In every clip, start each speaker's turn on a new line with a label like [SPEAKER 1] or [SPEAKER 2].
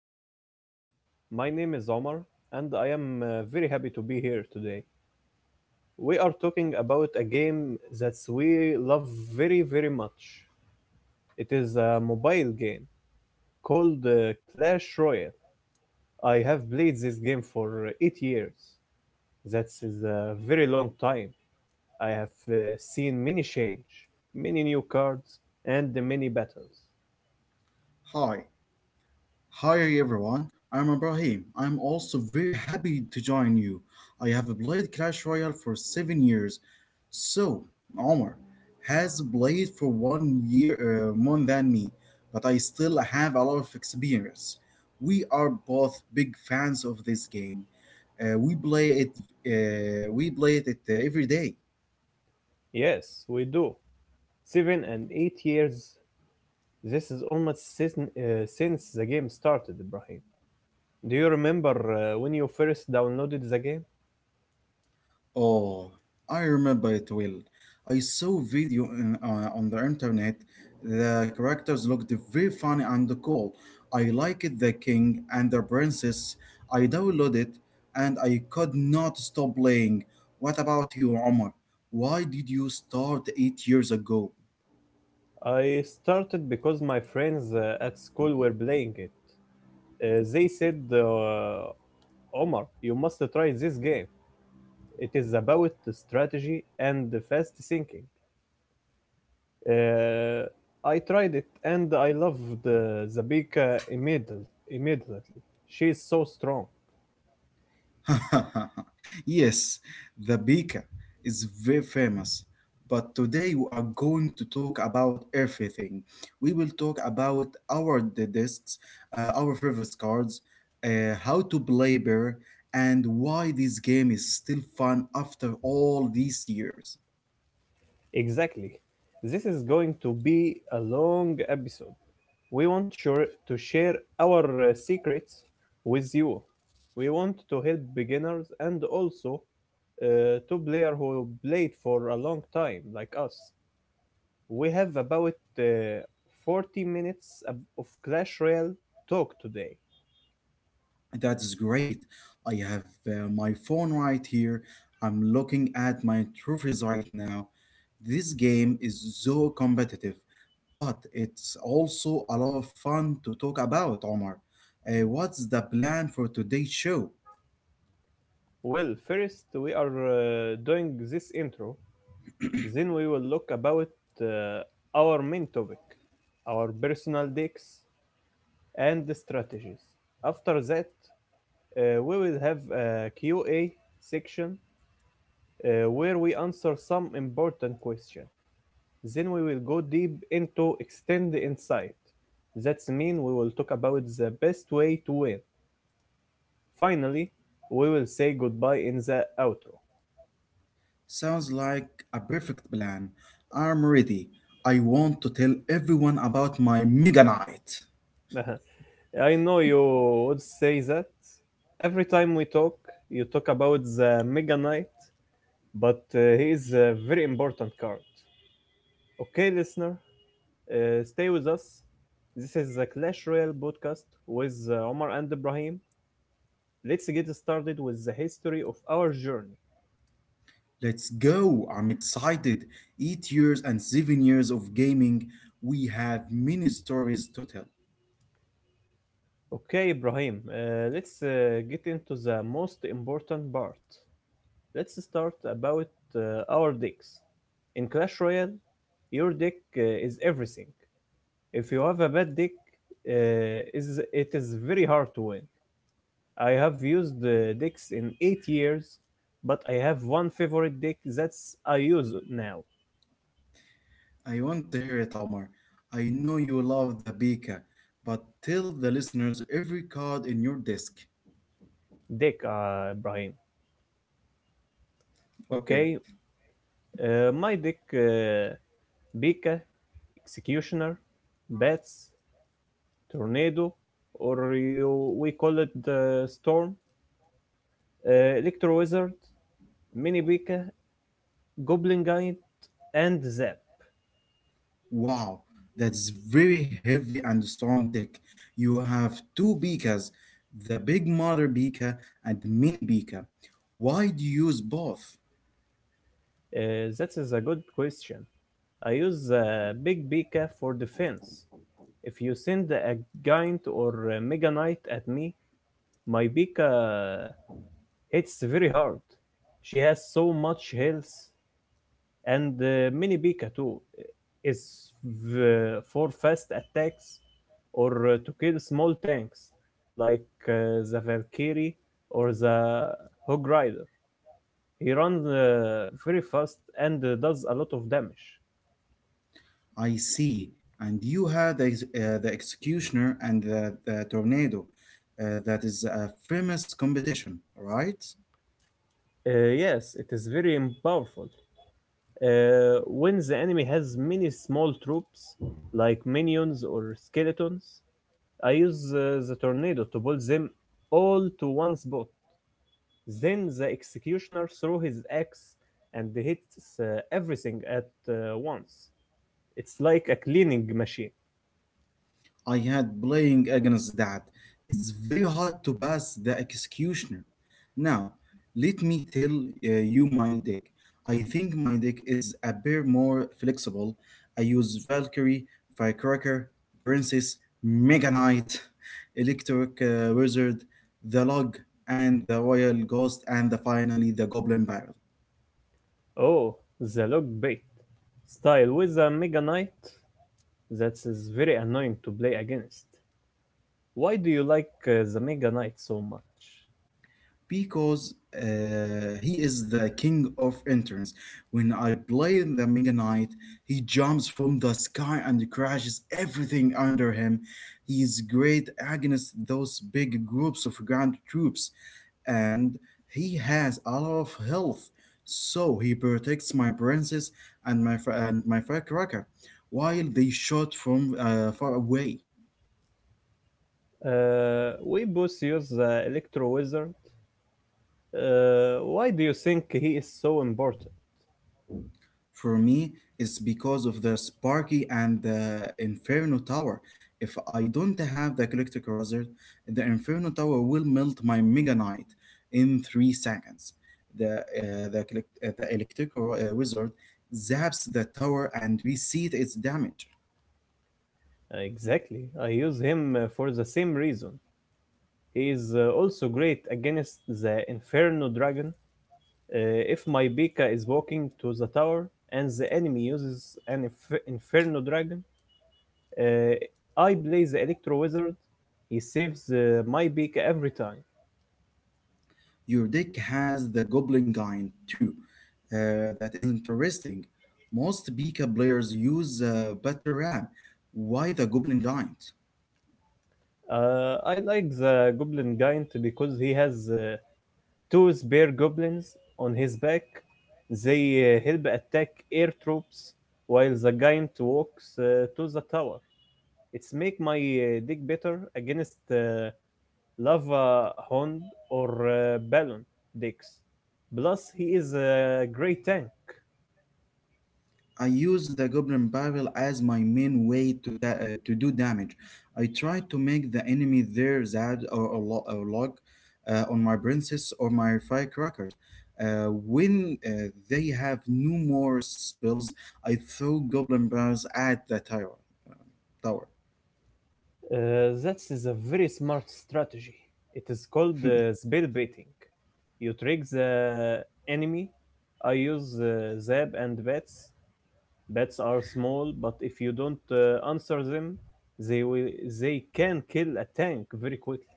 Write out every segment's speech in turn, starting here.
[SPEAKER 1] podcast. My name is Omar, and I am very happy to be here today. We are talking about a game that we love very, very much. It is a mobile game called Clash Royale. I have played this game for 8 years. That is a very long time. I have seen many change, many new cards, and many battles.
[SPEAKER 2] Hi, hi everyone. I'm Ibrahim. I'm also very happy to join you. I have played Clash Royale for 7 years. So, Omar has played for one year more than me, but I still have a lot of experience. We are both big fans of this game. We play it. We play it every day.
[SPEAKER 1] Yes, we do. 7 and 8 years. This is almost since the game started, Ibrahim. Do you remember when you first downloaded the game?
[SPEAKER 2] Oh, I remember it well. I saw video on the internet. The characters looked very funny and cool. I liked the king and the princess. I downloaded it and I could not stop playing. What about you, Omar? Why did you start 8 years ago?
[SPEAKER 1] I started because my friends at school were playing it. They said, Omar, you must try this game. It is about the strategy and fast thinking. Uh, I tried it and I loved immediately. She is so strong.
[SPEAKER 2] Yes, the beaker is very famous. But today we are going to talk about everything. We will talk about our the discs, our favorite cards, how to play bear, and why this game is still fun after all these years.
[SPEAKER 1] Exactly. This is going to be a long episode. We want sure to share our secrets with you. We want to help beginners and also to players who played for a long time like us. We have about uh, 40 minutes of Clash Royale talk today.
[SPEAKER 2] That's great. I have my phone right here. I'm looking at my trophies right now. This game is so competitive. But it's also a lot of fun to talk about, Omar. What's the plan for today's show?
[SPEAKER 1] Well, first we are doing this intro, then we will look about uh, our main topic, our personal decks and strategies. After that, we will have a Q&A section where we answer some important questions. Then we will go deep into extend the insight. That's mean we will talk about the best way to win. Finally, we will say goodbye in the outro.
[SPEAKER 2] Sounds like a perfect plan. I'm ready. I want to tell everyone about my mega night.
[SPEAKER 1] I know you would say that every time we talk, you talk about the Mega Knight, but he is a very important card. Okay, listener, stay with us. This is the Clash Royale podcast with Omar and Ibrahim. Let's get started with the history of our journey.
[SPEAKER 2] Let's go. I'm excited. 8 years and 7 years of gaming. We have many stories to tell.
[SPEAKER 1] Okay, Ibrahim, let's get into the most important part. Let's start about our decks. In Clash Royale, your deck is everything. If you have a bad deck, uh, is it is very hard to win. I have used the decks in 8 years, but I have one favorite deck that's I use now.
[SPEAKER 2] I want to hear it, Omar. I know you love the beaker, but tell the listeners every card in your desk.
[SPEAKER 1] Deck, Brian.
[SPEAKER 2] Okay.
[SPEAKER 1] Okay, my deck, Pika, Executioner, Bats, Tornado, or you, we call it the Storm, Electro Wizard, Mini Pika, Goblin Guide, and Zap.
[SPEAKER 2] Wow, that's very heavy and strong deck. You have two beakers, the big mother beaker and the mini beaker. Why do you use both?
[SPEAKER 1] That is a good question. I use Big Pika for defense. If you send a Giant or a Mega Knight at me, my Pika hits very hard. She has so much health, and Mini Pika too is for fast attacks or to kill small tanks like the Valkyrie or the Hog Rider. He runs very fast and does a lot of damage.
[SPEAKER 2] I see. And you had the executioner and the tornado. That is a famous competition, right?
[SPEAKER 1] Yes, it is very powerful. When the enemy has many small troops, like minions or skeletons, I use the tornado to pull them all to one spot. Then the executioner throws his axe and hits everything at once. It's like a cleaning machine.
[SPEAKER 2] I had playing against that. It's very hard to pass the executioner. Now, let me tell you my deck. I think my deck is a bit more flexible. I use Valkyrie, Firecracker, Princess, Mega Knight, Electric Wizard, the Log, and the Royal Ghost, and finally the Goblin Baron.
[SPEAKER 1] Oh, the log bait style with a Mega Knight, that is very annoying to play against. Why do you like the Mega Knight so much?
[SPEAKER 2] Because he is the king of interns. When I play the Mega Knight, he jumps from the sky and crashes everything under him. He is great against those big groups of ground troops and he has a lot of health. So he protects my princess and and my firecracker while they shot from far away.
[SPEAKER 1] We both use the Electro Wizard. Why do you think he is so important?
[SPEAKER 2] For me, it's because of the Sparky and the Inferno Tower. If I don't have the Galactic Razor, the Inferno Tower will melt my Mega Knight in 3 seconds. The, elect- the electric ro- wizard zaps the tower and reset its damage.
[SPEAKER 1] Exactly. I use him for the same reason. He is also great against the Inferno Dragon. Uh, if my Bika is walking to the tower and the enemy uses an Inferno Dragon, uh, I play the Electro Wizard. He saves my Bika every time.
[SPEAKER 2] Your deck has the Goblin Giant too. That is interesting. Most Bika players use Batter ram. Why the Goblin Giant?
[SPEAKER 1] I like the Goblin Giant because he has two spear goblins on his back. They help attack air troops while the giant walks to the tower. It's make my deck better against Lava Hound or Balloon decks. Plus, he is a great tank.
[SPEAKER 2] I use the goblin barrel as my main way to to do damage. I try to make the enemy their Zad or log on my princess or my firecrackers. When they have no more spells, I throw goblin barrels at the tower.
[SPEAKER 1] That is a very smart strategy. It is called spell baiting. You trick the enemy. I use Zab and Bats. Bats are small, but if you don't answer them, they will they can kill a tank very quickly.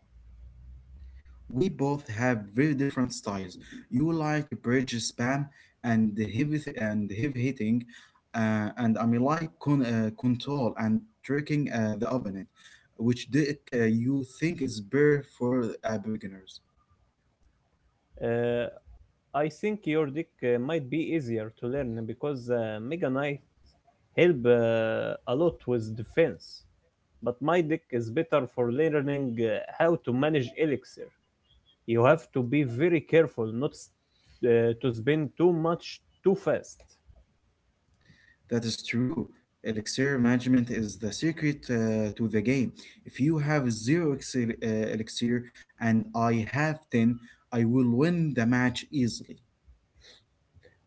[SPEAKER 2] We both have very different styles. You like bridge spam and the heavy hitting, and I mean like control and tricking the opponent, which deck you think is better for beginners.
[SPEAKER 1] Uh, I think your deck might be easier to learn because Mega Knight help a lot with defense. But my deck is better for learning how to manage elixir. You have to be very careful not to spend too much too fast.
[SPEAKER 2] That is true. Elixir management is the secret to the game. If you have zero elixir and I have 10, I will win the match easily.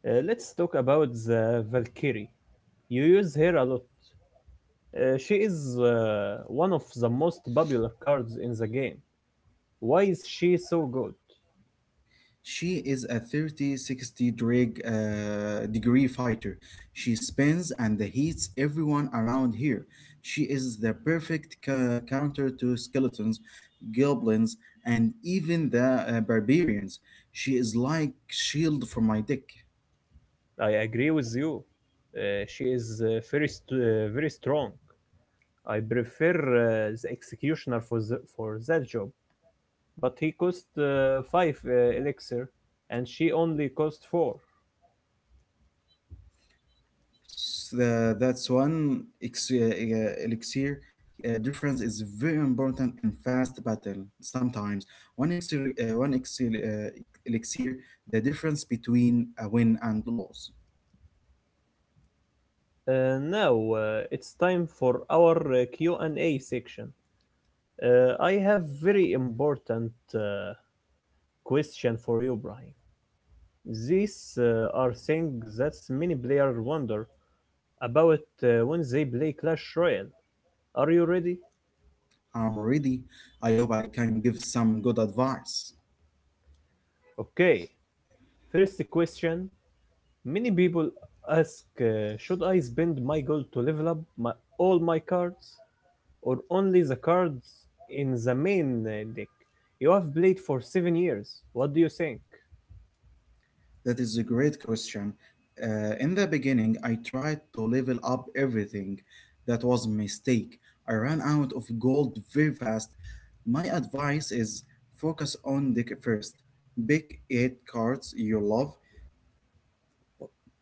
[SPEAKER 1] Let's talk about the Valkyrie. You use her a lot. She is one of the most popular cards in the game. Why is she so good?
[SPEAKER 2] She is a 3060 degree fighter. She spins and heats everyone around here. She is the perfect counter to skeletons, goblins, and even the barbarians. She is like shield for my deck.
[SPEAKER 1] I agree with you. She is very strong. I prefer the executioner for that job, but he cost 5 elixir and she only cost 4.
[SPEAKER 2] That's one elixir difference is very important in fast battle sometimes one elixir, elixir the difference between a win and loss.
[SPEAKER 1] Uh, now it's time for our Q&A section. I have very important question for you, Brian. These are things that many players wonder about when they play Clash Royale. Are you ready?
[SPEAKER 2] I'm ready. I hope I can give some good advice.
[SPEAKER 1] Okay, first question. Many people ask should I spend my gold to level up my, all my cards or only the cards in the main deck? You have played for 7 years. What do you think?
[SPEAKER 2] That is a great question. In the beginning, I tried to level up everything. That was a mistake. I ran out of gold very fast. My advice is focus on the first. Pick 8 cards you love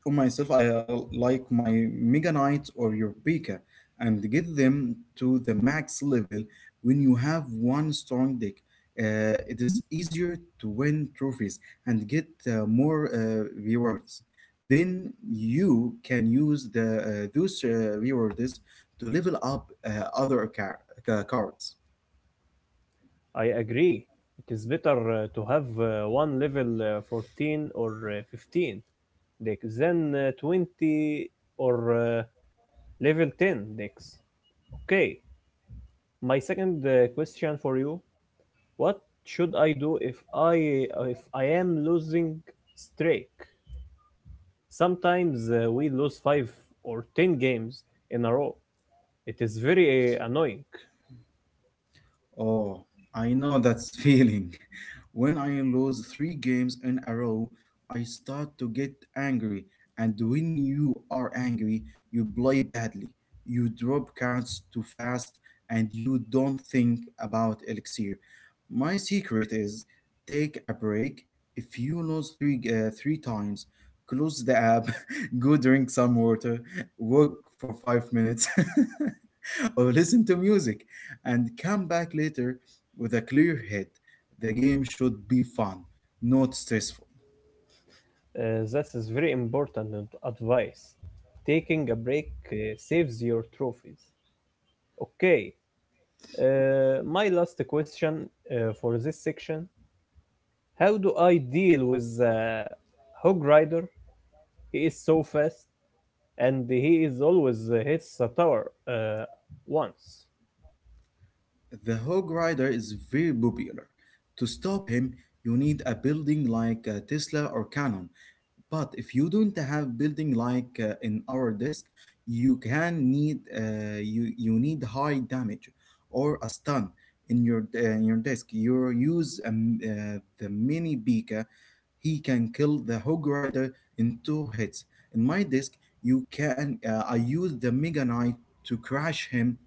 [SPEAKER 2] for myself, I like my Mega Knight or your Pika and get them to the max level when you have one strong deck. It is easier to win trophies and get more rewards. Then you can use the those rewards to level up cards.
[SPEAKER 1] I agree. It is better to have one level 14 or 15 decks, then 20 or level 10 decks. Okay, my second question for you: What should I do if I am losing streak? Sometimes we lose 5 or 10 games in a row. It is very annoying.
[SPEAKER 2] Oh, I know that feeling. When I lose 3 games in a row, I start to get angry. And when you are angry, you play badly. You drop counts too fast and you don't think about elixir. My secret is take a break. If you lose three times, close the app, go drink some water, walk for 5 minutes, or listen to music and come back later with a clear head. The game should be fun, not stressful.
[SPEAKER 1] That is very important advice. Taking a break saves your trophies. Okay, my last question for this section. How do I deal with Hog Rider? He is so fast, and he is always hits a tower once.
[SPEAKER 2] The Hog Rider is very popular. To stop him, you need a building like a Tesla or Canon. But if you don't have building like in our disk, you can need you you need high damage or a stun in your disk. You use the mini beak. He can kill the Hog Rider in 2 hits. In my disc, you can I use the Mega Knight to crash him,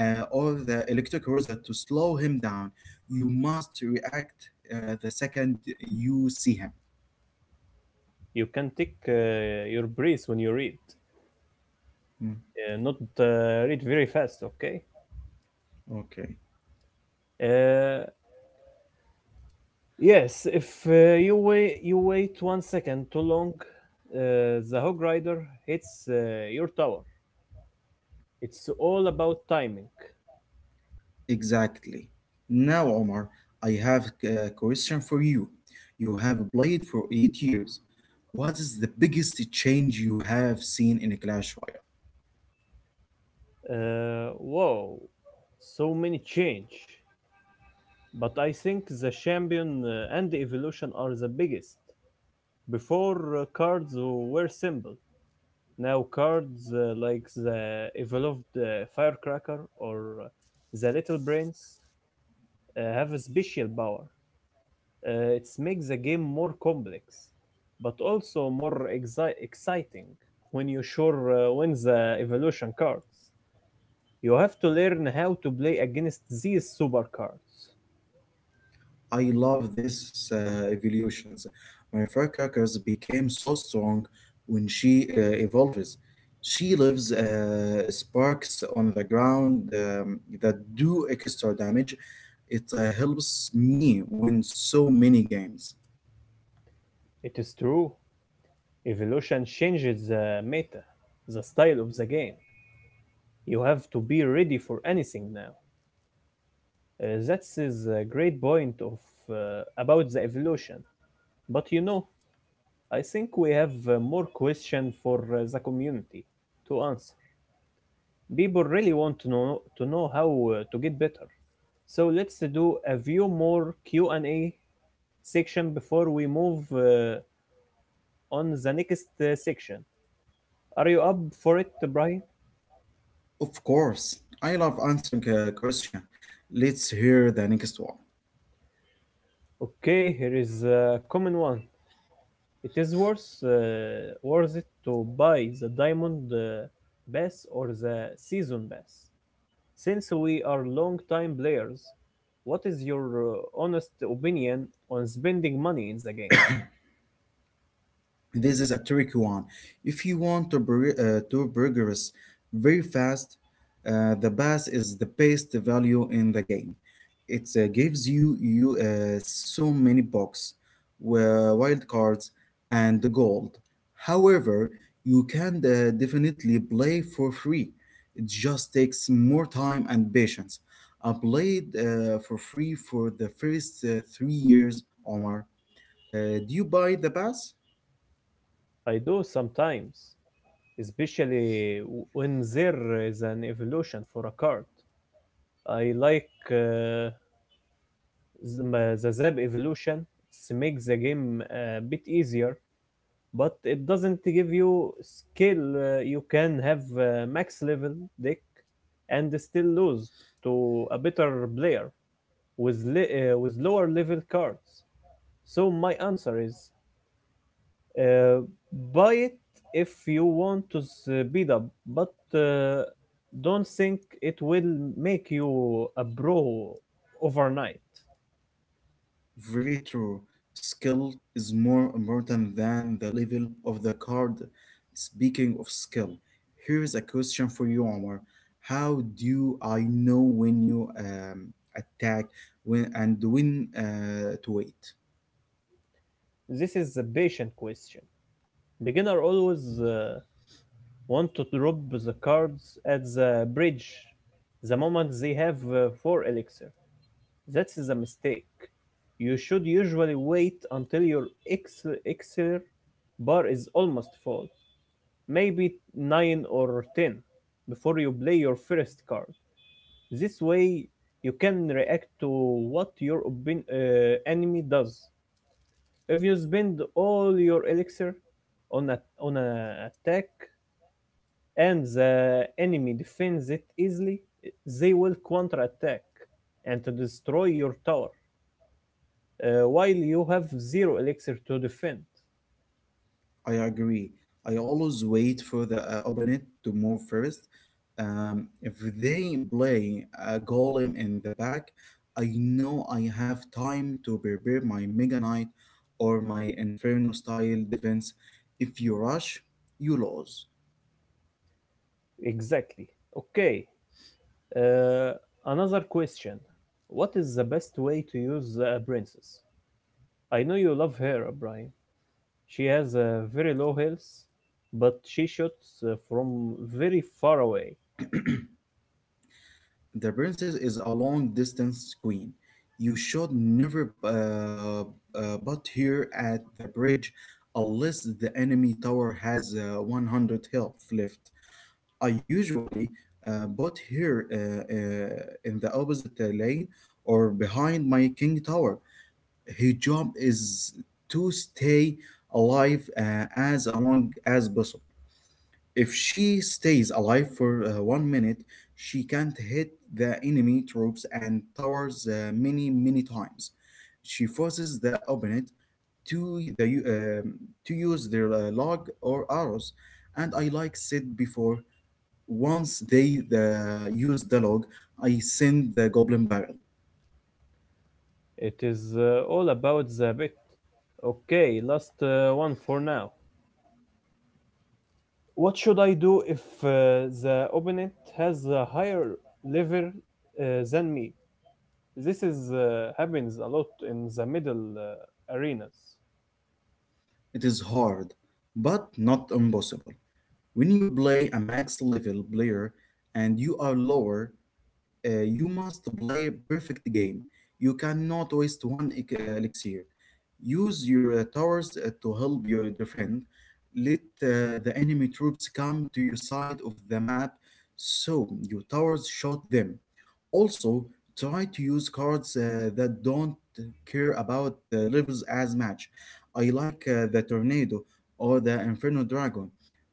[SPEAKER 2] or the Electric Wizard to slow him down. You must react the second you see him.
[SPEAKER 1] You can take your breath when you read.
[SPEAKER 2] Mm,
[SPEAKER 1] Not read very fast, okay?
[SPEAKER 2] okay.
[SPEAKER 1] Uh, yes, if you wait, you wait 1 second too long, the Hog Rider hits your tower. It's all about timing.
[SPEAKER 2] Exactly. Now, Omar, I have a question for you. You have played for 8 years. What is the biggest change you have seen in Clash Royale?
[SPEAKER 1] Whoa, so many change. But I think the Champion and the Evolution are the biggest. Before cards were simple. Now cards like the evolved Firecracker or uh, the Little Brains have a special power. It makes the game more complex, but also more exciting. When you sure win the evolution cards, you have to learn how to play against these super cards.
[SPEAKER 2] I love these evolutions. My firecrackers became so strong when she evolves. She leaves sparks on the ground that do extra damage. It helps me win so many games.
[SPEAKER 1] It is true. Evolution changes the meta, the style of the game. You have to be ready for anything now. That's is a great point of uh, about the evolution. But you know, I think we have more question for the community to answer. People really want to know how to get better. So let's do a few more Q&A section before we move on the next section. Are you up for it, Brian?
[SPEAKER 2] Of course, I love answering question. Let's hear the next one.
[SPEAKER 1] Okay, here is a common one. It is worth it to buy the diamond pass or the season pass. Since we are long time players, what is your honest opinion on spending money in the game?
[SPEAKER 2] This is a tricky one. If you want to progress very fast, the pass is the best value in the game. It gives you so many bucks, wild cards, and gold. However, you can definitely play for free. It just takes more time and patience. I played for free for the first 3 years, Omar. Do you buy the pass?
[SPEAKER 1] I do sometimes, especially when there is an evolution for a card. I like the Zab evolution. It makes the game a bit easier but it doesn't give you skill. You can have max level deck and still lose to a better player with le- with lower level cards. So my answer is uh, buy it if you want to speed up, but don't think it will make you a pro overnight.
[SPEAKER 2] Very true. Skill is more important than the level of the card. Speaking of skill, here's a question for you, Omar. How do I know when you attack when and when to wait?
[SPEAKER 1] This is a patient question. Beginner always want to drop the cards at the bridge the moment they have 4 elixir. That's a mistake. You should usually wait until your elixir bar is almost full, maybe 9 or 10, before you play your first card. This way, you can react to what your enemy does. If you spend all your elixir on an attack and the enemy defends it easily, they will counterattack and to destroy your tower while you have zero elixir to defend.
[SPEAKER 2] I agree. I always wait for the opponent to move first. If they play a golem in the back, I know I have time to prepare my Mega Knight or my Inferno style defense. If you rush, you lose.
[SPEAKER 1] Exactly. Okay. Uh, Another question. What is the best way to use the princess? I know you love her, Brian. She has a very low health, but she shoots from very far away.
[SPEAKER 2] The princess is a long distance queen. You should never butt here at the bridge unless the enemy tower has 100 health left. I usually bought here in the opposite lane or behind my king tower. His job is to stay alive as long as possible. If she stays alive for 1 minute, she can't hit the enemy troops and towers many, many times. She forces the opponent to the u- um to use their log or arrows. And I like said before, once they use the log, I send the goblin barrel.
[SPEAKER 1] It is all about the bit. Okay, last one for now. What should I do if the opponent has a higher level uh, than me? This is happens a lot in the middle arenas.
[SPEAKER 2] It is hard, but not impossible. When you play a max level player and you are lower, you must play a perfect game. You cannot waste one elixir. Use your towers to help your defend. Let the enemy troops come to your side of the map so your towers shot them. Also, try to use cards that don't care about the levels as much. I like the Tornado or the Inferno Dragon.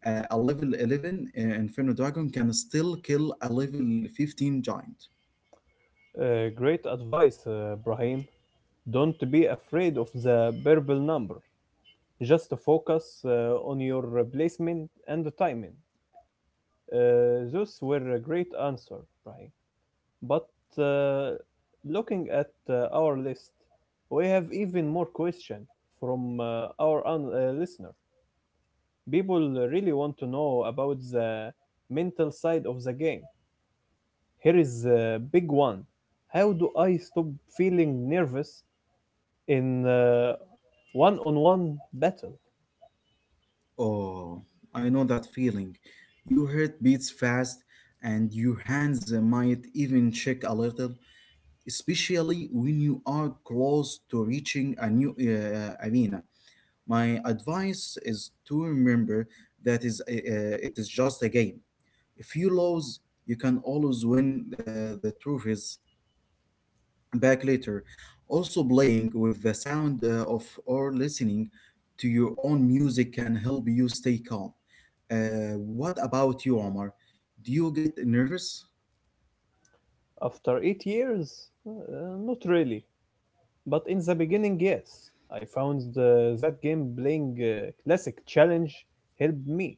[SPEAKER 2] A level 11 Inferno Dragon can still kill a level 15 giant.
[SPEAKER 1] Great advice, Brahim. Don't be afraid of the purple number. Just to focus on your placement and the timing. Those were a great answer, Brian. But looking at our list, we have even more questions from our listener. People really want to know about the mental side of the game. Here is a big one. How do I stop feeling nervous in one on one battle?
[SPEAKER 2] Oh, I know that feeling. Your heart beats fast and your hands might even shake a little, especially when you are close to reaching a new arena. My advice is to remember that is it is just a game. If you lose, you can always win the truth is back later. Also, playing with the sound of or listening to your own music can help you stay calm. What about you, Omar? Do you get nervous?
[SPEAKER 1] After 8 years? Not really. But in the beginning, yes, I found that game playing classic challenge helped me.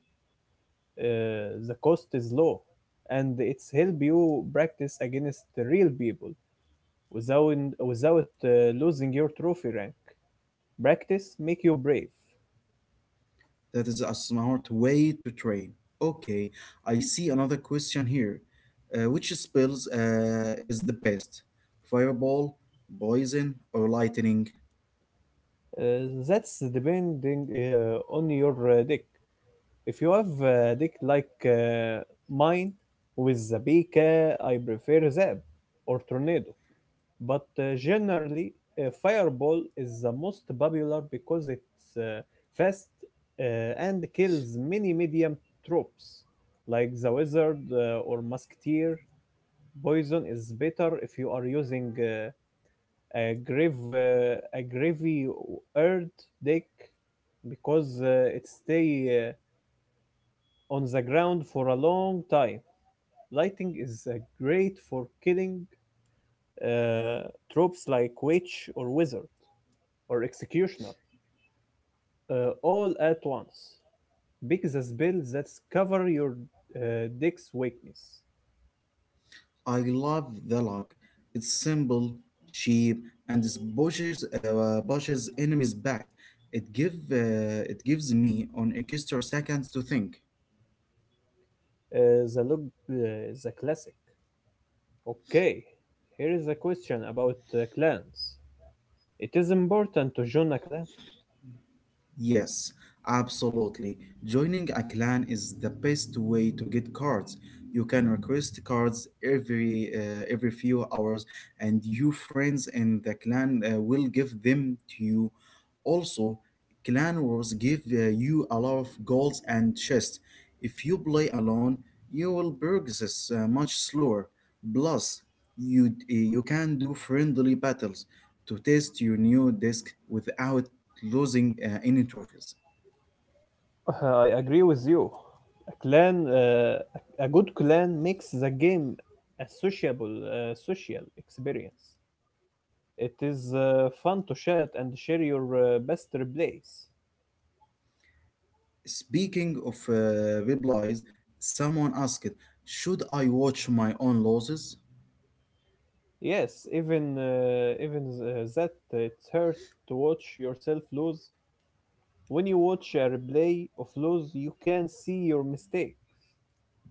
[SPEAKER 1] The cost is low, and it's help you practice against the real people without losing your trophy rank. Practice make you brave.
[SPEAKER 2] That is a smart way to train. Okay, I see another question here. Which spells is the best? Fireball, poison, or lightning?
[SPEAKER 1] That's depending on your deck. If you have a deck like mine with the Zabika, I prefer Zab or Tornado. But generally, Fireball is the most popular because it's uh, fast uh, and kills many medium troops, like the Wizard or Musketeer. Poison is better if you are using a gravy earth deck because it stay on the ground for a long time. Lighting is great for killing uh, tropes like witch or wizard or executioner all at once. Pick the spell that cover your deck's weakness.
[SPEAKER 2] I love the look. It's simple, cheap, and it pushes pushes enemies back. It gives me on extra seconds to think.
[SPEAKER 1] Uh, the log, uh, the classic. Okay, here is a question about clans. It is important to join a clan.
[SPEAKER 2] Yes, absolutely. Joining a clan is the best way to get cards. You can request cards every few hours, and your friends in the clan will give them to you. Also, clan wars give you a lot of goals and chests. If you play alone, you will progress much slower. Plus, you can do friendly battles to test your new deck without losing in interviews.
[SPEAKER 1] I agree with you. A clan, uh, a good clan makes the game a social experience. It is fun to chat and share your best plays.
[SPEAKER 2] Speaking of bib lies, someone asked, should I watch my own losses?
[SPEAKER 1] Yes, even that it's hurt to watch yourself lose. When you watch a replay of lose, you can see your mistake.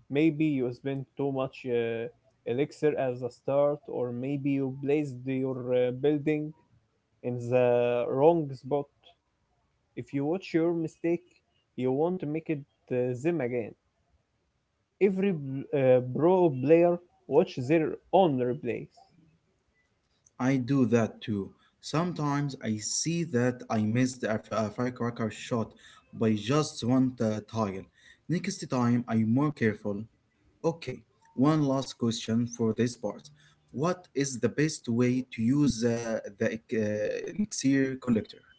[SPEAKER 1] Maybe you spent too much elixir as a start, or maybe you placed your building in the wrong spot. If you watch your mistake, you want to make it them again. Every pro player watch their own replays.
[SPEAKER 2] I do that too. Sometimes I see that I missed a firecracker shot by just one tile. Next time I'm more careful. Okay, one last question for this part. What is the best way to use the elixir collector?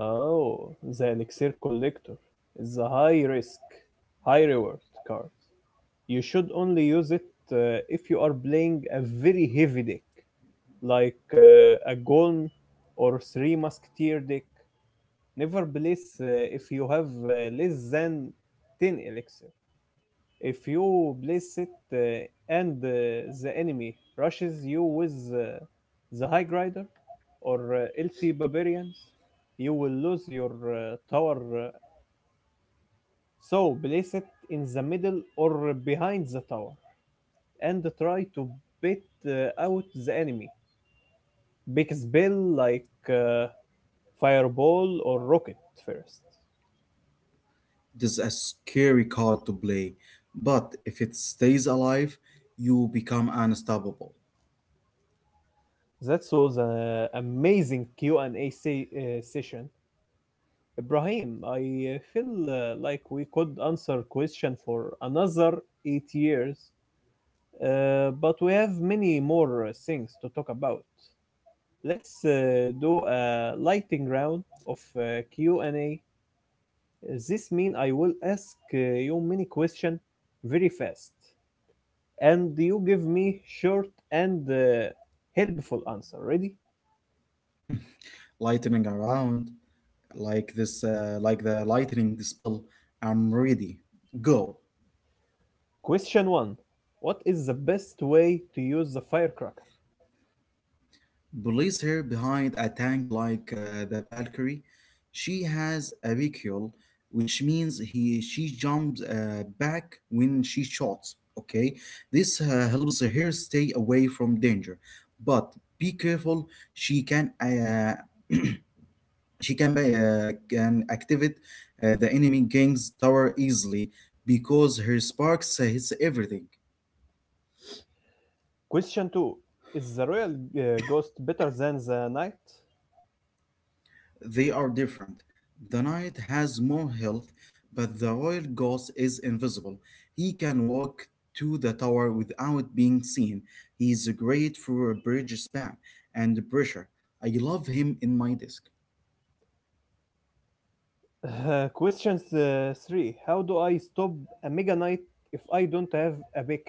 [SPEAKER 1] Oh, the Elixir Collector is a high risk, high reward card. You should only use it if you are playing a very heavy deck, like a Golem or Three Musketeer deck. Never place if you have less than 10 Elixir. If you place it and the enemy rushes you with the High Rider or LT Barbarians, you will lose your tower. So place it in the middle or behind the tower and try to bait out the enemy. Big spell like Fireball or Rocket first.
[SPEAKER 2] This is a scary card to play, but if it stays alive, you become unstoppable.
[SPEAKER 1] That was an amazing Q&A session, Ibrahim. I feel like we could answer question for another 8 years, but we have many more things to talk about. Let's do a lighting round of Q&A. This mean I will ask you many question very fast, and you give me short and helpful answer. Ready?
[SPEAKER 2] Lightning around like this, like the lightning spell. I'm ready. Go.
[SPEAKER 1] Question one: What is the best way to use the firecracker?
[SPEAKER 2] Police her behind a tank like the Valkyrie. She has a vehicle, which means he she jumps back when she shoots. Okay, this helps her stay away from danger, but be careful. She can can activate the enemy gang's tower easily because her sparks hits everything.
[SPEAKER 1] Question two: Is the royal ghost better than the knight?
[SPEAKER 2] They are different. The knight has more health, but the royal ghost is invisible. He can walk to the tower without being seen. He is great for bridge spam and pressure. I love him in my disc.
[SPEAKER 1] Question three: How do I stop a mega knight if I don't have a pick?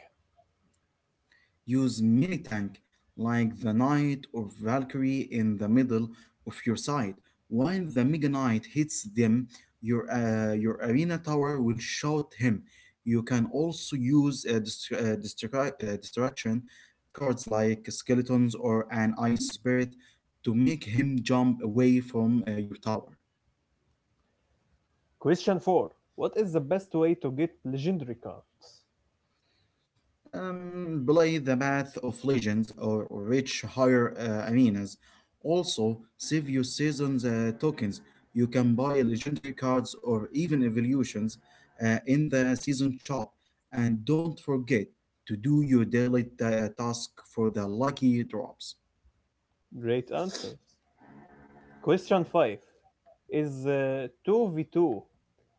[SPEAKER 2] Use mini tank like the knight or Valkyrie in the middle of your side. While the mega knight hits them, your arena tower will shoot him. You can also use distraction cards like skeletons or an ice spirit to make him jump away from your tower.
[SPEAKER 1] Question four: What is the best way to get legendary cards?
[SPEAKER 2] Play the path of legends or rich higher aminas. Also, save your season's tokens. You can buy legendary cards or even evolutions in the season shop. And don't forget to do your daily task for the lucky drops.
[SPEAKER 1] Great answers. Question five: Is 2v2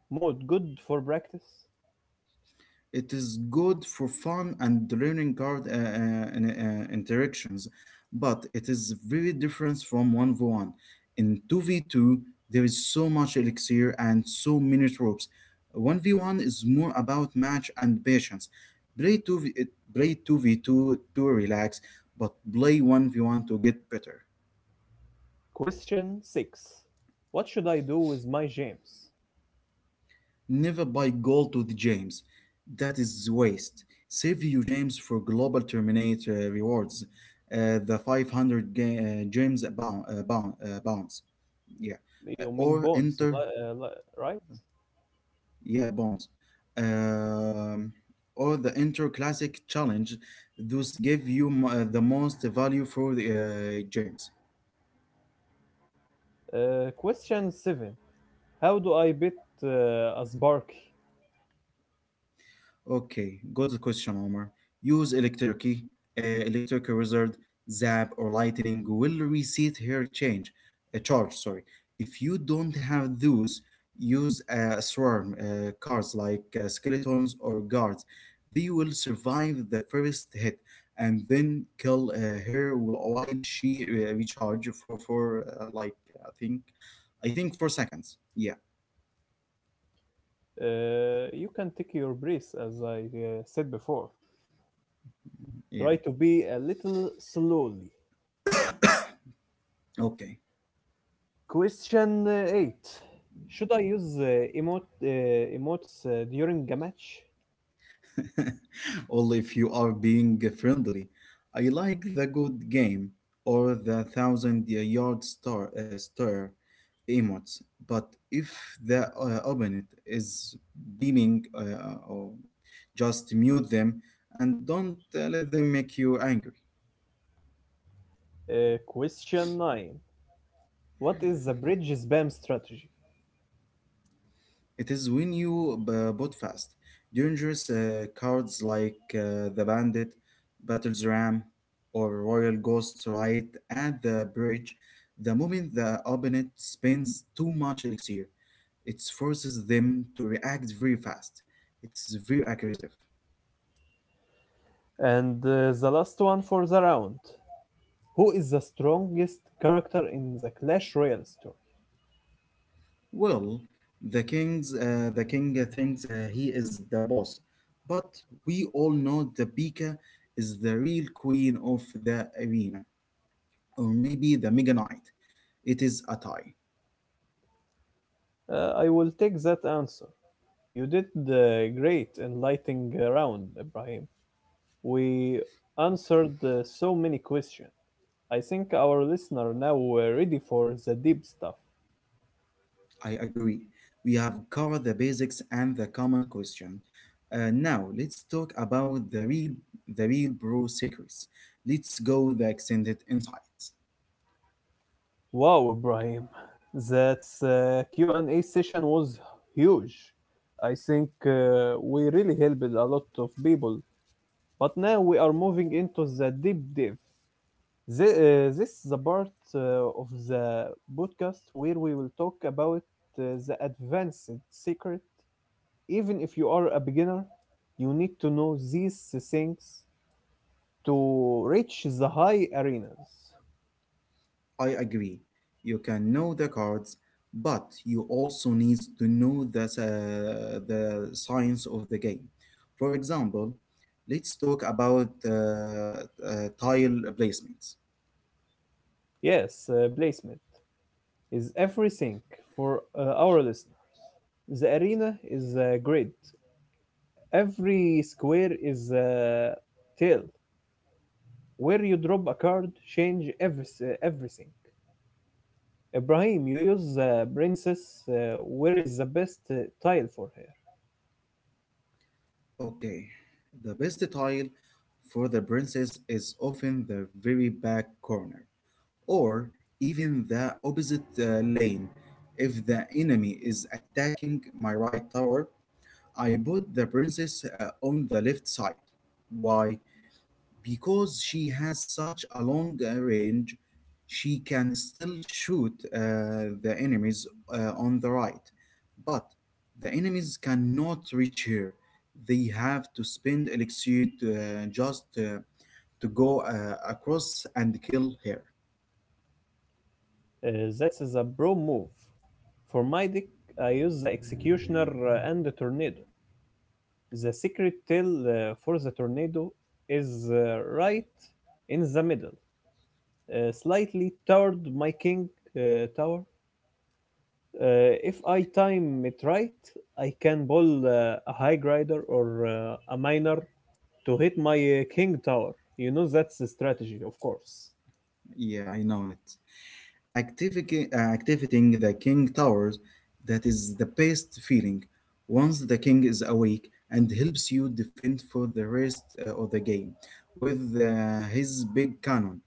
[SPEAKER 1] mode good for practice?
[SPEAKER 2] It is good for fun and learning card interactions, but it is very different from 1v1. In 2v2, there is so much elixir and so many tropes. 1v1 is more about match and patience. Play 2v, uh, Play 2v2 to relax, but play 1v1 to get better.
[SPEAKER 1] Question six: What should I do with my gems?
[SPEAKER 2] Never buy gold with James. That is waste. Save your James for global terminate rewards. The 500 James bound, bounds. Yeah.
[SPEAKER 1] You mean
[SPEAKER 2] Or
[SPEAKER 1] bones,
[SPEAKER 2] enter,
[SPEAKER 1] right?
[SPEAKER 2] yeah, bonds. Um, or the Inter Classic Challenge. Those give you the most value for the James.
[SPEAKER 1] Question seven: How do I beat a spark?
[SPEAKER 2] Okay, go to the question, Omar. Use electricity, electric wizard, zap, or lightning will reset her change, a charge. Sorry. If you don't have those, use a swarm cards like skeletons or guards. They will survive the first hit and then kill her while she recharge for like I think 4 seconds. Yeah,
[SPEAKER 1] You can take your breath, as I said before.
[SPEAKER 2] yeah.
[SPEAKER 1] Try to be a little slowly.
[SPEAKER 2] Okay.
[SPEAKER 1] Question 8: Should I use emotes during a match?
[SPEAKER 2] Only if you are being friendly. I like the good game or the thousand yard stare emotes, but if the opponent is beaming, or just mute them and don't let them make you angry.
[SPEAKER 1] Question 9: What is the bridge spam strategy?
[SPEAKER 2] It is when you boot fast. Dangerous cards like the Bandit, Battle's Ram, or Royal Ghosts right at the bridge. The moment the opponent spends too much elixir, it forces them to react very fast. It's very aggressive.
[SPEAKER 1] And the last one for the round: Who is the strongest character in the Clash Royale story?
[SPEAKER 2] Well, the king thinks he is the boss, but we all know the Pika is the real queen of the arena, or maybe the Mega Knight. It is a tie.
[SPEAKER 1] I will take that answer. You did the great enlightening round, Ibrahim. We answered so many questions. I think our listener now ready for the deep stuff.
[SPEAKER 2] I agree. We have covered the basics and the common question. Now let's talk about the real bro secrets. Let's go the extended insights.
[SPEAKER 1] Wow, Ibrahim, that Q&A session was huge. I think we really helped a lot of people. But now we are moving into the deep dive. This is the part of the podcast where we will talk about the advanced secret. Even if you are a beginner, you need to know these things to reach the high arenas.
[SPEAKER 2] I agree. You can know the cards, but you also need to know the science of the game. For example, let's talk about tile placement.
[SPEAKER 1] Yes, placement is everything for our listeners. The arena is a grid. Every square is a tail. Where you drop a card, change everything. Ibrahim, you use the princess. Where is the best tile for her?
[SPEAKER 2] Okay, the best tile for the princess is often the very back corner, or even the opposite lane. If the enemy is attacking my right tower, I put the princess on the left side. Why? Because she has such a long range, she can still shoot the enemies on the right, but the enemies cannot reach her. They have to spend elixir just uh, to go across and kill her.
[SPEAKER 1] Uh, that's a bro move. For my deck, I use the Executioner and the Tornado. The secret tail for the Tornado is right in the middle, slightly toward my king tower. If I time it right, I can pull a high grider or a miner to hit my king tower. You know that's the strategy, of course.
[SPEAKER 2] Yeah, I know it. Activating the king towers, that is the best feeling. Once the king is awake and helps you defend for the rest of the game with his big cannon.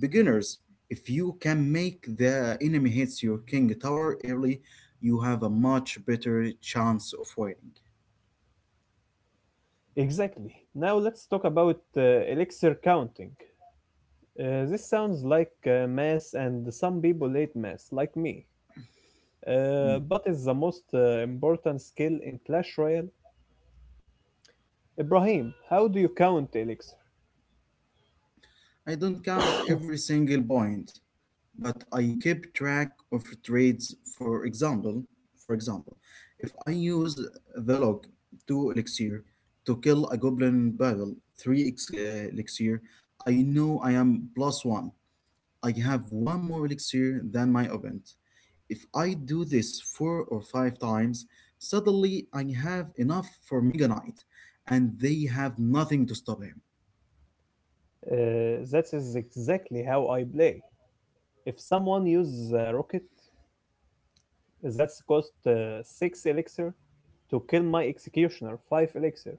[SPEAKER 2] Beginners, if you can make the enemy hits your king tower early, you have a much better chance of winning.
[SPEAKER 1] Exactly. Now let's talk about elixir counting. This sounds like mass, and some people hate mass, like me.
[SPEAKER 2] Hmm.
[SPEAKER 1] But it's the most important skill in Clash Royale. Ibrahim, how do you count elixir?
[SPEAKER 2] I don't count every single point, but I keep track of trades. For example, if I use the log, 2 elixir, to kill a goblin battle, three elixir, I know I am plus one. I have one more elixir than my opponent. If I do this four or 5 times, suddenly I have enough for Mega Knight, and they have nothing to stop him.
[SPEAKER 1] Uh, that is exactly how I play. If someone uses a rocket, that's cost 6 elixir to kill my executioner, 5 elixir.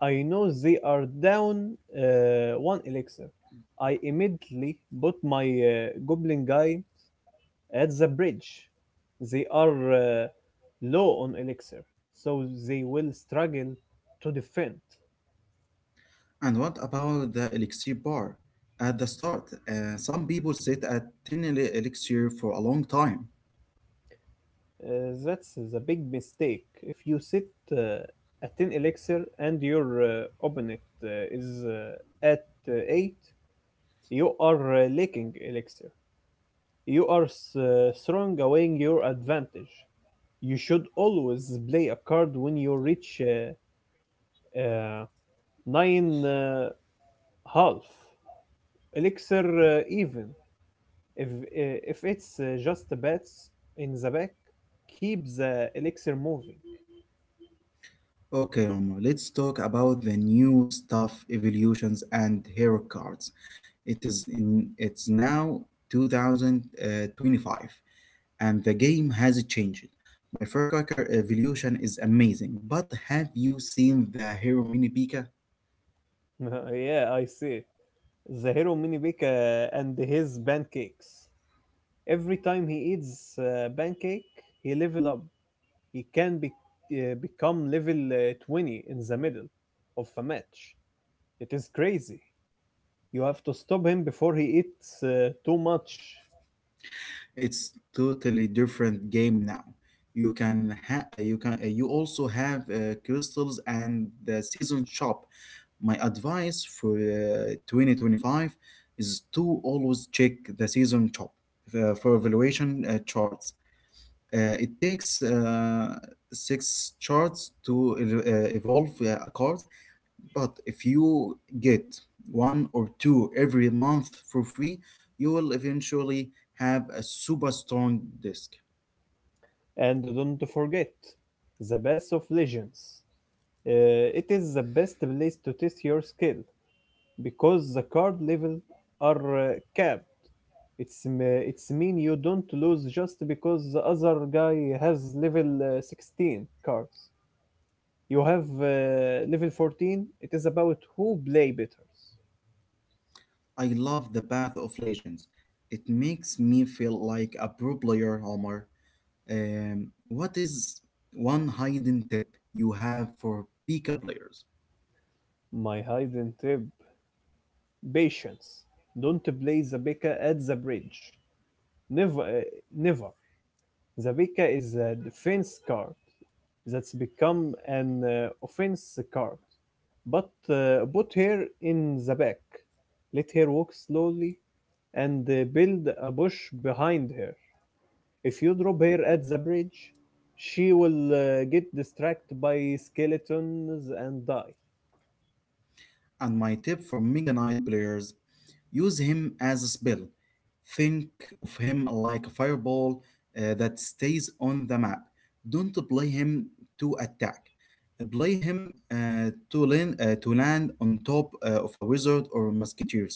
[SPEAKER 1] I know they are down 1 elixir. I immediately put my goblin guy at the bridge, they are low on elixir, so they will struggle to defend.
[SPEAKER 2] And what about the elixir bar at the start? Some people sit at 10 elixir for a long time.
[SPEAKER 1] That's the big mistake. If you sit at 10 elixir and your opponent is at 8, you are lacking elixir. You are throwing away your advantage. You should always play a card when you reach uh, nine half elixir even. If it's just bets in the back, keep the elixir moving.
[SPEAKER 2] Okay, Omar, let's talk about the new stuff, evolutions, and hero cards. It is in it's now 2025 and the game has changed. My firecracker evolution is amazing, but have you seen the hero mini Pika?
[SPEAKER 1] Yeah, I see. The hero mini bake and his pancakes. Every time he eats pancake, he level up. He can become level 20 in the middle of a match. It is crazy. You have to stop him before he eats too much.
[SPEAKER 2] It's totally different game now. You can ha- uh, you can uh, you also have crystals and the season shop. My advice for 2025 is to always check the season shop for evaluation charts. It takes six charts to evolve a card, but if you get one or two every month for free, you will eventually have a super strong disc.
[SPEAKER 1] And don't forget, the best of legends. Uh, it is the best place to test your skill because the card level are capped. It's mean you don't lose just because the other guy has level 16 cards. You have level 14. It is about who play better.
[SPEAKER 2] I love the Path of Legends. It makes me feel like a pro player, Homer. What is one hidden tip you have for Pika players?
[SPEAKER 1] My hidden tip: patience. Don't play Zabeka at the bridge. Never, never. Zabeka is a defense card that's become an offense card. But put her in the back. Let her walk slowly and build a bush behind her. If you drop her at the bridge, she will get distracted by skeletons and die.
[SPEAKER 2] And my tip for Mega Knight players: use him as a spell. Think of him like a fireball that stays on the map. Don't play him to attack. Play him to land on top of a wizard or musketeers.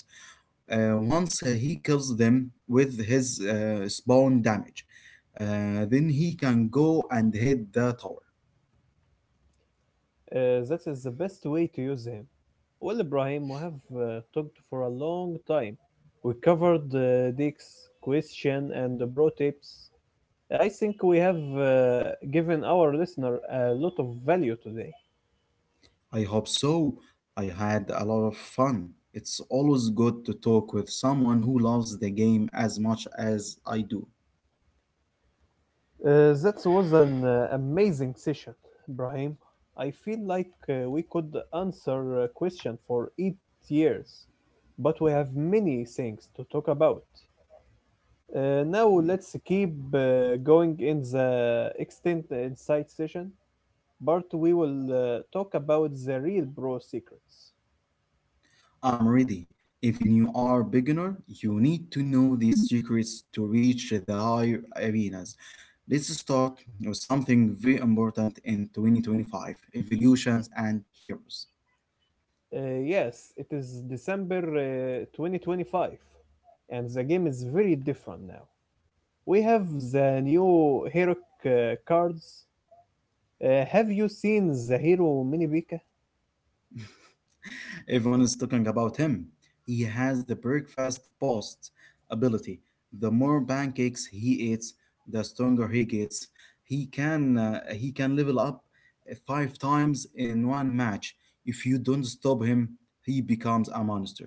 [SPEAKER 2] Once he kills them with his spawn damage, then he can go and hit the tower.
[SPEAKER 1] That is the best way to use him. Well, Ibrahim, we have talked for a long time. We covered Dick's question and the bro tips. I think we have given our listener a lot of value today.
[SPEAKER 2] I hope so. I had a lot of fun. It's always good to talk with someone who loves the game as much as I do.
[SPEAKER 1] That was an amazing session, Brahim. I feel like we could answer a question for 8 years, but we have many things to talk about. Now let's keep going in the extent insight session, but we will talk about the real bro secrets.
[SPEAKER 2] I'm ready. Even you are beginner, you need to know these secrets to reach the higher arenas. Let's start with something very important in 2025: evolutions and heroes.
[SPEAKER 1] Yes, it is December 2025, and the game is very different now. We have the new hero cards. Have you seen the hero mini Pika?
[SPEAKER 2] Everyone is talking about him. He has the breakfast post ability. The more pancakes he eats, the stronger he gets. He can level up five times in one match. If you don't stop him, he becomes a monster.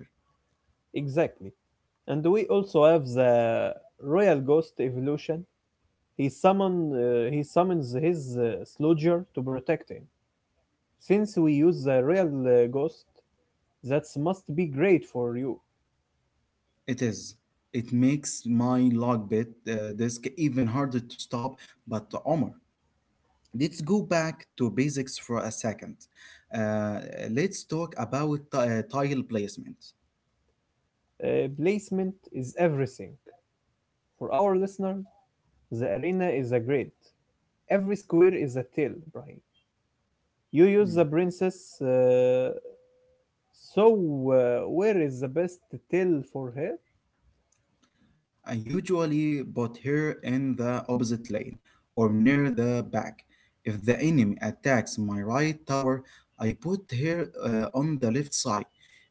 [SPEAKER 1] Exactly. And we also have the Royal Ghost evolution. He summons his Sludger to protect him. Since we use the Royal Ghost, that must be great for you.
[SPEAKER 2] It is. It makes my logbit disk even harder to stop. But Omar, let's go back to basics for a second. Uh, let's talk about tile placement.
[SPEAKER 1] Placement is everything. For our listener, the arena is a grid. Every square is a tail, Brian. You use the
[SPEAKER 2] Mm.
[SPEAKER 1] princess. Uh, So, where is the best till for her?
[SPEAKER 2] I usually put her in the opposite lane or near the back. If the enemy attacks my right tower, I put her on the left side.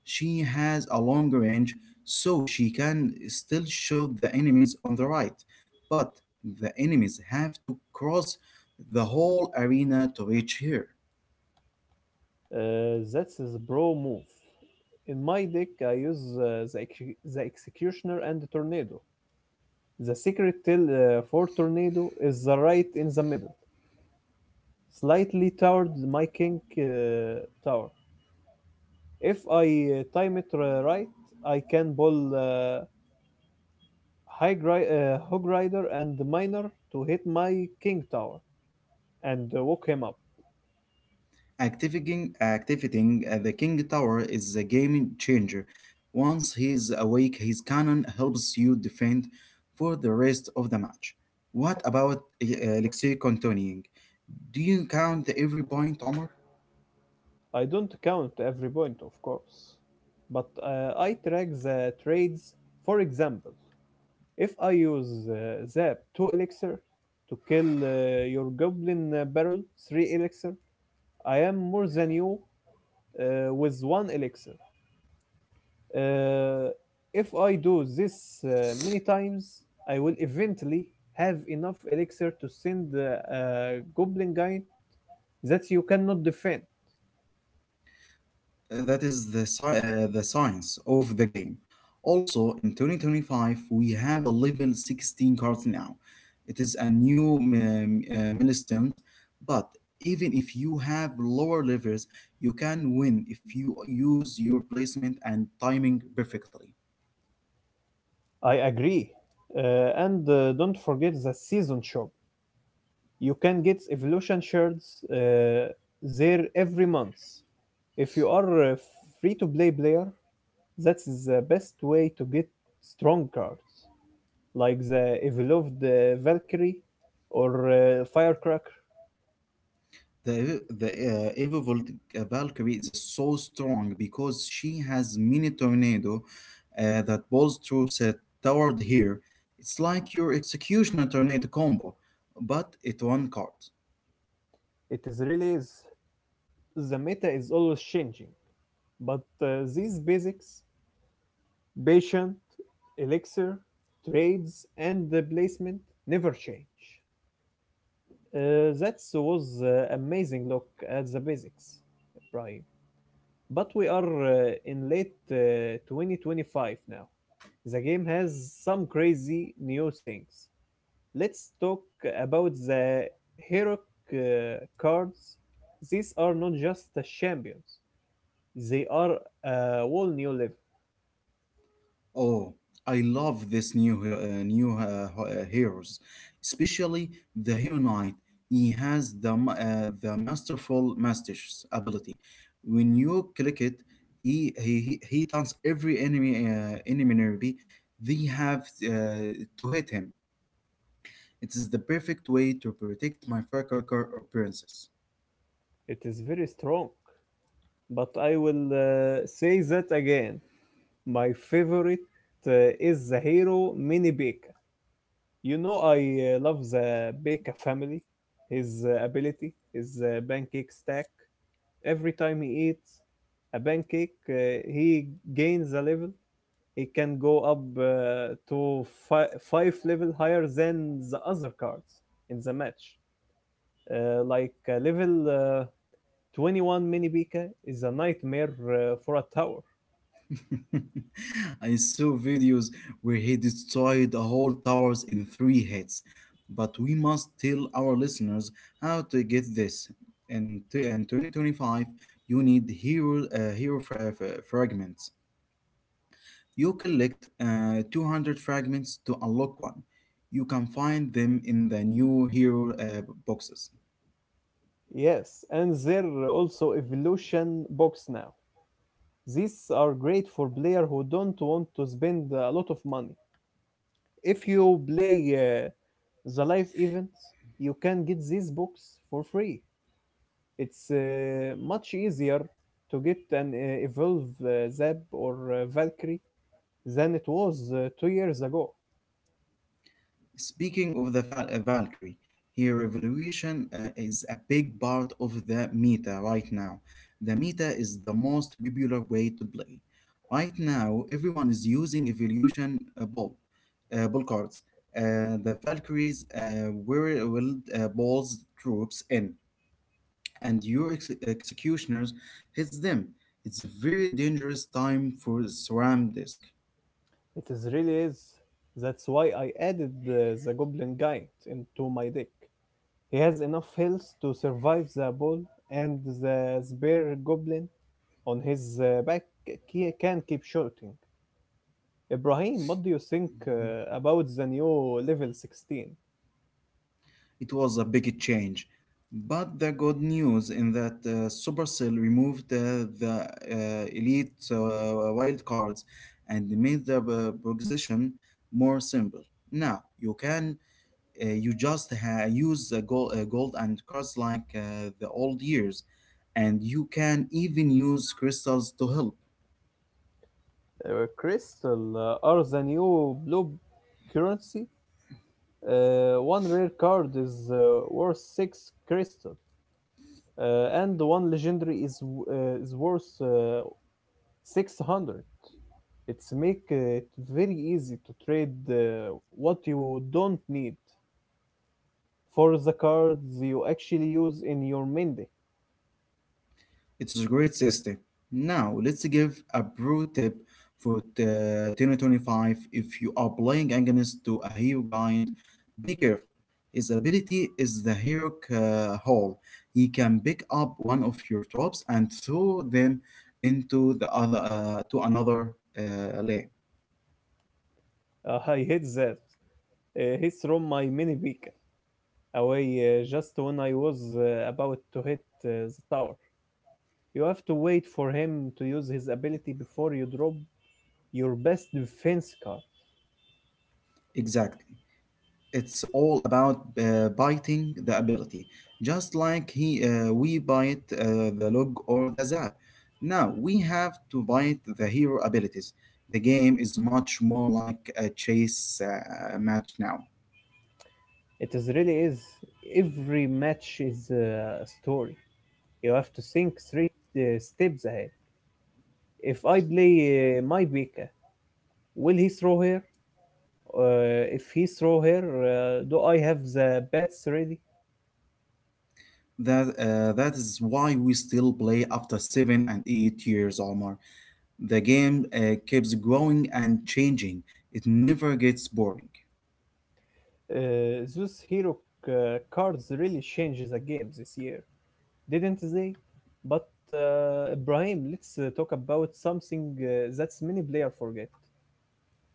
[SPEAKER 2] She has a long range, so she can still shoot the enemies on the right. But the enemies have to cross the whole arena to reach her.
[SPEAKER 1] That's his bro move. In my deck, I use the Executioner and the Tornado. The secret till for Tornado is the right in the middle, slightly toward my King Tower. If I time it right, I can ball Hog Rider and Miner to hit my King Tower and woke him up.
[SPEAKER 2] Activating the King Tower is a game changer. Once he's awake, his cannon helps you defend for the rest of the match. What about Alexei continuing? Do you count every point, Omar?
[SPEAKER 1] I don't count every point, of course, but I track the trades. For example, if I use the 2 elixir to kill your goblin barrel, 3 elixir, I am more than you with 1 elixir. Uh, if I do this many times, I will eventually have enough elixir to send a goblin guy that you cannot defend.
[SPEAKER 2] That is the, the science of the game. Also, in 2025, we have a level 16 card now. It is a new milestone, but even if you have lower levels, you can win if you use your placement and timing perfectly.
[SPEAKER 1] I agree. Uh, and don't forget the season shop. You can get evolution shards there every month. If you are a free to play player, that's the best way to get strong cards, like the evolved Valkyrie or Firecracker.
[SPEAKER 2] The Valkyrie is so strong because she has mini tornado that balls troops toward here. It's like your executioner tornado combo, but it one card.
[SPEAKER 1] It is really is, the meta is always changing, but these basics, patient, elixir, trades, and the placement never change. That was amazing look at the basics, Brian. But we are in late 2025 now. The game has some crazy new things. Let's talk about the heroic cards. These are not just the champions, they are a whole new level.
[SPEAKER 2] Oh, I love this new heroes, especially the Hero Knight. He has the the masterful master's ability. When you click it, he taunts every enemy nearby. They have to hit him. It is the perfect way to protect my Firecracker or princess.
[SPEAKER 1] It is very strong. But I will say that again. My favorite is the hero Mini Baker. You know, I love the Baker family, his ability, his pancake stack. Every time he eats a pancake, he gains a level. He can go up to five level higher than the other cards in the match. Like level 21 mini Pika is a nightmare for a tower.
[SPEAKER 2] I saw videos where he destroyed the whole towers in 3 hits, but we must tell our listeners how to get this. In 2025, you need hero fragments. You collect 200 fragments to unlock one. You can find them in the new hero boxes.
[SPEAKER 1] Yes, and there are also evolution box now. These are great for players who don't want to spend a lot of money. If you play the live events, you can get these books for free. It's much easier to get an Evolve Zap or Valkyrie than it was 2 years ago.
[SPEAKER 2] Speaking of the Valkyrie, her evolution is a big part of the meta right now. The meta is the most popular way to play. Right now, everyone is using evolution ball cards. The Valkyries were will balls troops in, and your executioners hits them. It's a very dangerous time for SRAM disk.
[SPEAKER 1] It is really is. That's why I added the Goblin Giant into my deck. He has enough health to survive the ball, and the spare Goblin on his back can keep shooting. Ibrahim, what do you think about the new level 16?
[SPEAKER 2] It was a big change. But the good news in that Supercell removed the uh, elite wildcards and made the progression more simple. Now you can use gold and cards like the old years, and you can even use crystals to help.
[SPEAKER 1] Uh, crystal are the new blue currency. One rare card is worth 6 crystal, and one legendary is worth 600. It's make it very easy to trade what you don't need for the cards you actually use in your main deck.
[SPEAKER 2] It is a great system. Now, let's give a pro tip for the 2025. If you are playing against to a hero giant, be careful. His ability is the hero hole. He can pick up one of your drops and throw them into the other to another lane.
[SPEAKER 1] I hate that. He's from my mini Vika away just when I was about to hit the tower. You have to wait for him to use his ability before you drop your best defense card.
[SPEAKER 2] Exactly. It's all about biting the ability, just like he we bite the log or the zap. Now we have to bite the hero abilities. The game is much more like a chase match now.
[SPEAKER 1] It is really is. Every match is a story. You have to think three steps ahead. If I play my Beka, will he throw her? If he throw her, do I have the bats ready?
[SPEAKER 2] That is why we still play after 7 and 8 years or more. The game keeps growing and changing. It never gets boring.
[SPEAKER 1] Those hero cards really change the game this year, didn't they? But Ibrahim, let's talk about something that many players forget: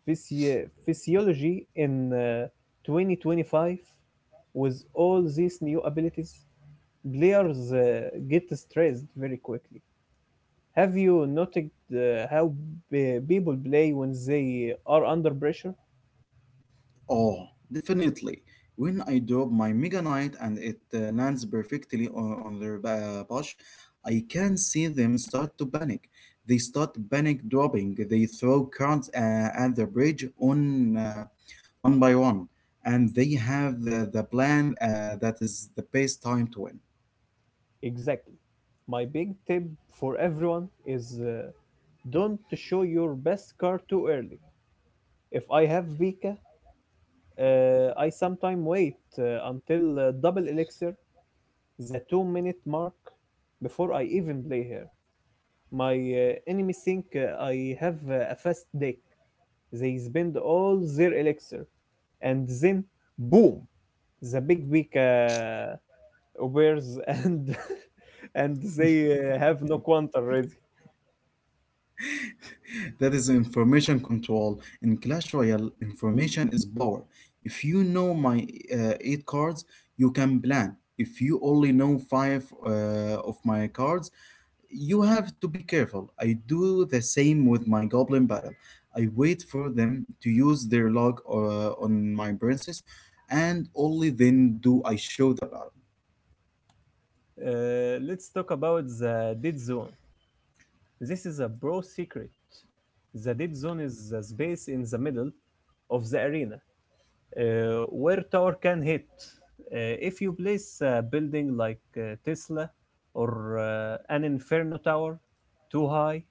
[SPEAKER 1] Physiology in 2025. With all these new abilities, players get stressed very quickly. Have you noticed how people play when they are under pressure?
[SPEAKER 2] Oh, definitely. When I drop my Mega Knight and it lands perfectly on their bush, I can see them start to panic. They start panic dropping. They throw cards at the bridge on one by one, and they have the plan that is the best time to win.
[SPEAKER 1] Exactly. My big tip for everyone is don't show your best card too early. If I have Vika, I sometimes wait until double elixir, the 2-minute mark, before I even play her. My enemy think I have a fast deck. They spend all their elixir, and then boom, the big Vika wares and and they have no quant already.
[SPEAKER 2] That is information control. In Clash Royale, information is power. If you know my eight cards, you can plan. If you only know five of my cards, you have to be careful. I do the same with my Goblin Battle. I wait for them to use their log on my princess, and only then do I show the power.
[SPEAKER 1] Let's talk about the dead zone. This is a bro secret. The dead zone is the space in the middle of the arena where tower can hit. If you place a building like Tesla or an Inferno tower too high,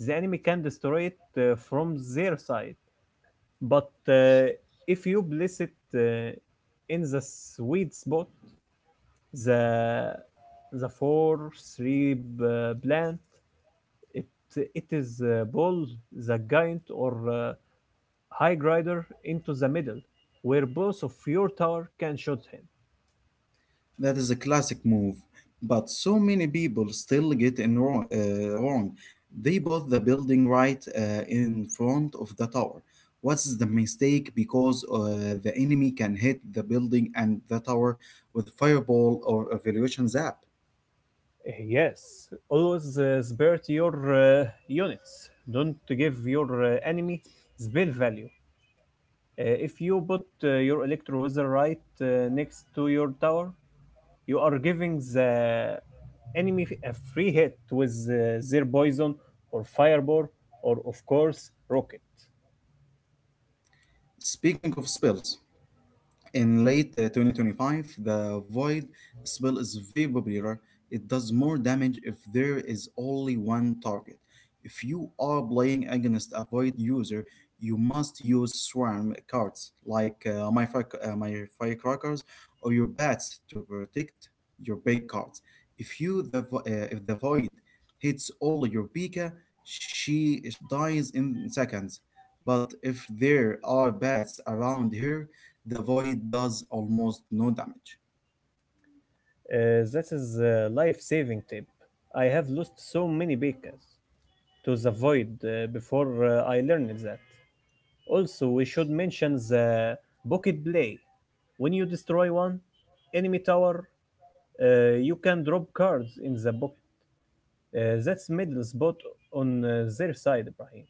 [SPEAKER 1] the enemy can destroy it from their side. But if you place it in the sweet spot, the the four three plant, it it is ball the giant or high grider into the middle, where both of your tower can shoot him.
[SPEAKER 2] That is a classic move, but so many people still get in wrong. They bought the building right in front of the tower. What's the mistake? Because the enemy can hit the building and the tower with fireball or evaluation zap.
[SPEAKER 1] Yes, always spare your units. Don't give your enemy spell value. If you put your electro wizard right next to your tower, you are giving the enemy a free hit with their poison or fireball or of course rocket.
[SPEAKER 2] Speaking of spells, in late 2025, the void spell is very popular. It does more damage if there is only one target. If you are playing against a void user, you must use swarm cards like my firecrackers or your bats to protect your big cards. If if the void hits only your pika, she dies in seconds. But if there are bats around her, the void does almost no damage.
[SPEAKER 1] That is a life-saving tip. I have lost so many beacons to the void before I learned that. Also, we should mention the bucket play. When you destroy one enemy tower, you can drop cards in the bucket. That's middle spot on their side, Ibrahim.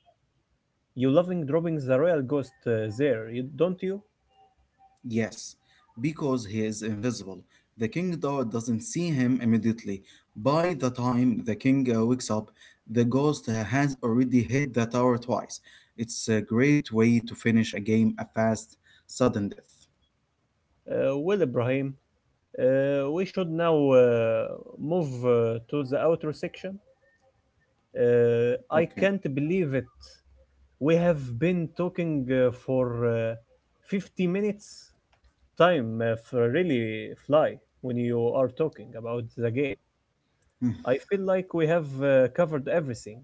[SPEAKER 1] You loving dropping the royal ghost there, don't you?
[SPEAKER 2] Yes, because he is invisible. The king doesn't see him immediately. By the time the king wakes up, the ghost has already hit the tower twice. It's a great way to finish a game, a fast, sudden death.
[SPEAKER 1] Well, Ibrahim, we should now move to the outer section. I
[SPEAKER 2] Okay.
[SPEAKER 1] can't believe it. We have been talking for uh, 50 minutes. Time really fly when you are talking about the game. I feel like we have covered everything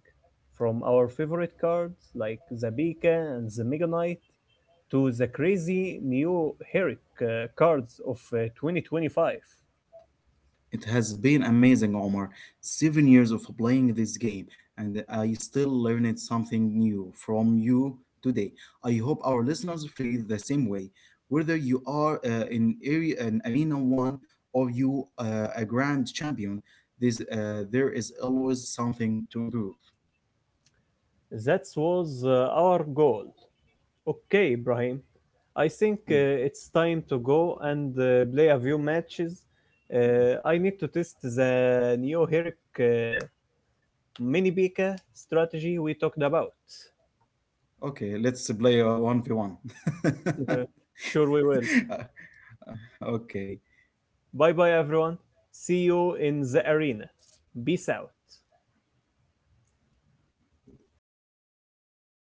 [SPEAKER 1] from our favorite cards like the Beacon and the Mega Knight to the crazy new Herrick cards of 2025.
[SPEAKER 2] It has been amazing, Omar. 7 years of playing this game, and I still learned something new from you today. I hope our listeners feel the same way. Whether you are in area an arena one or you a grand champion, this there is always something to improve.
[SPEAKER 1] That was our goal. Okay, Ibrahim, I think
[SPEAKER 2] Hmm.
[SPEAKER 1] it's time to go and play a few matches. I need to test the new Herrick mini Beacon strategy we talked about.
[SPEAKER 2] Okay, let's play a one v one.
[SPEAKER 1] Uh, sure, we will.
[SPEAKER 2] Okay.
[SPEAKER 1] Bye bye, everyone. See you in the arena. Peace out.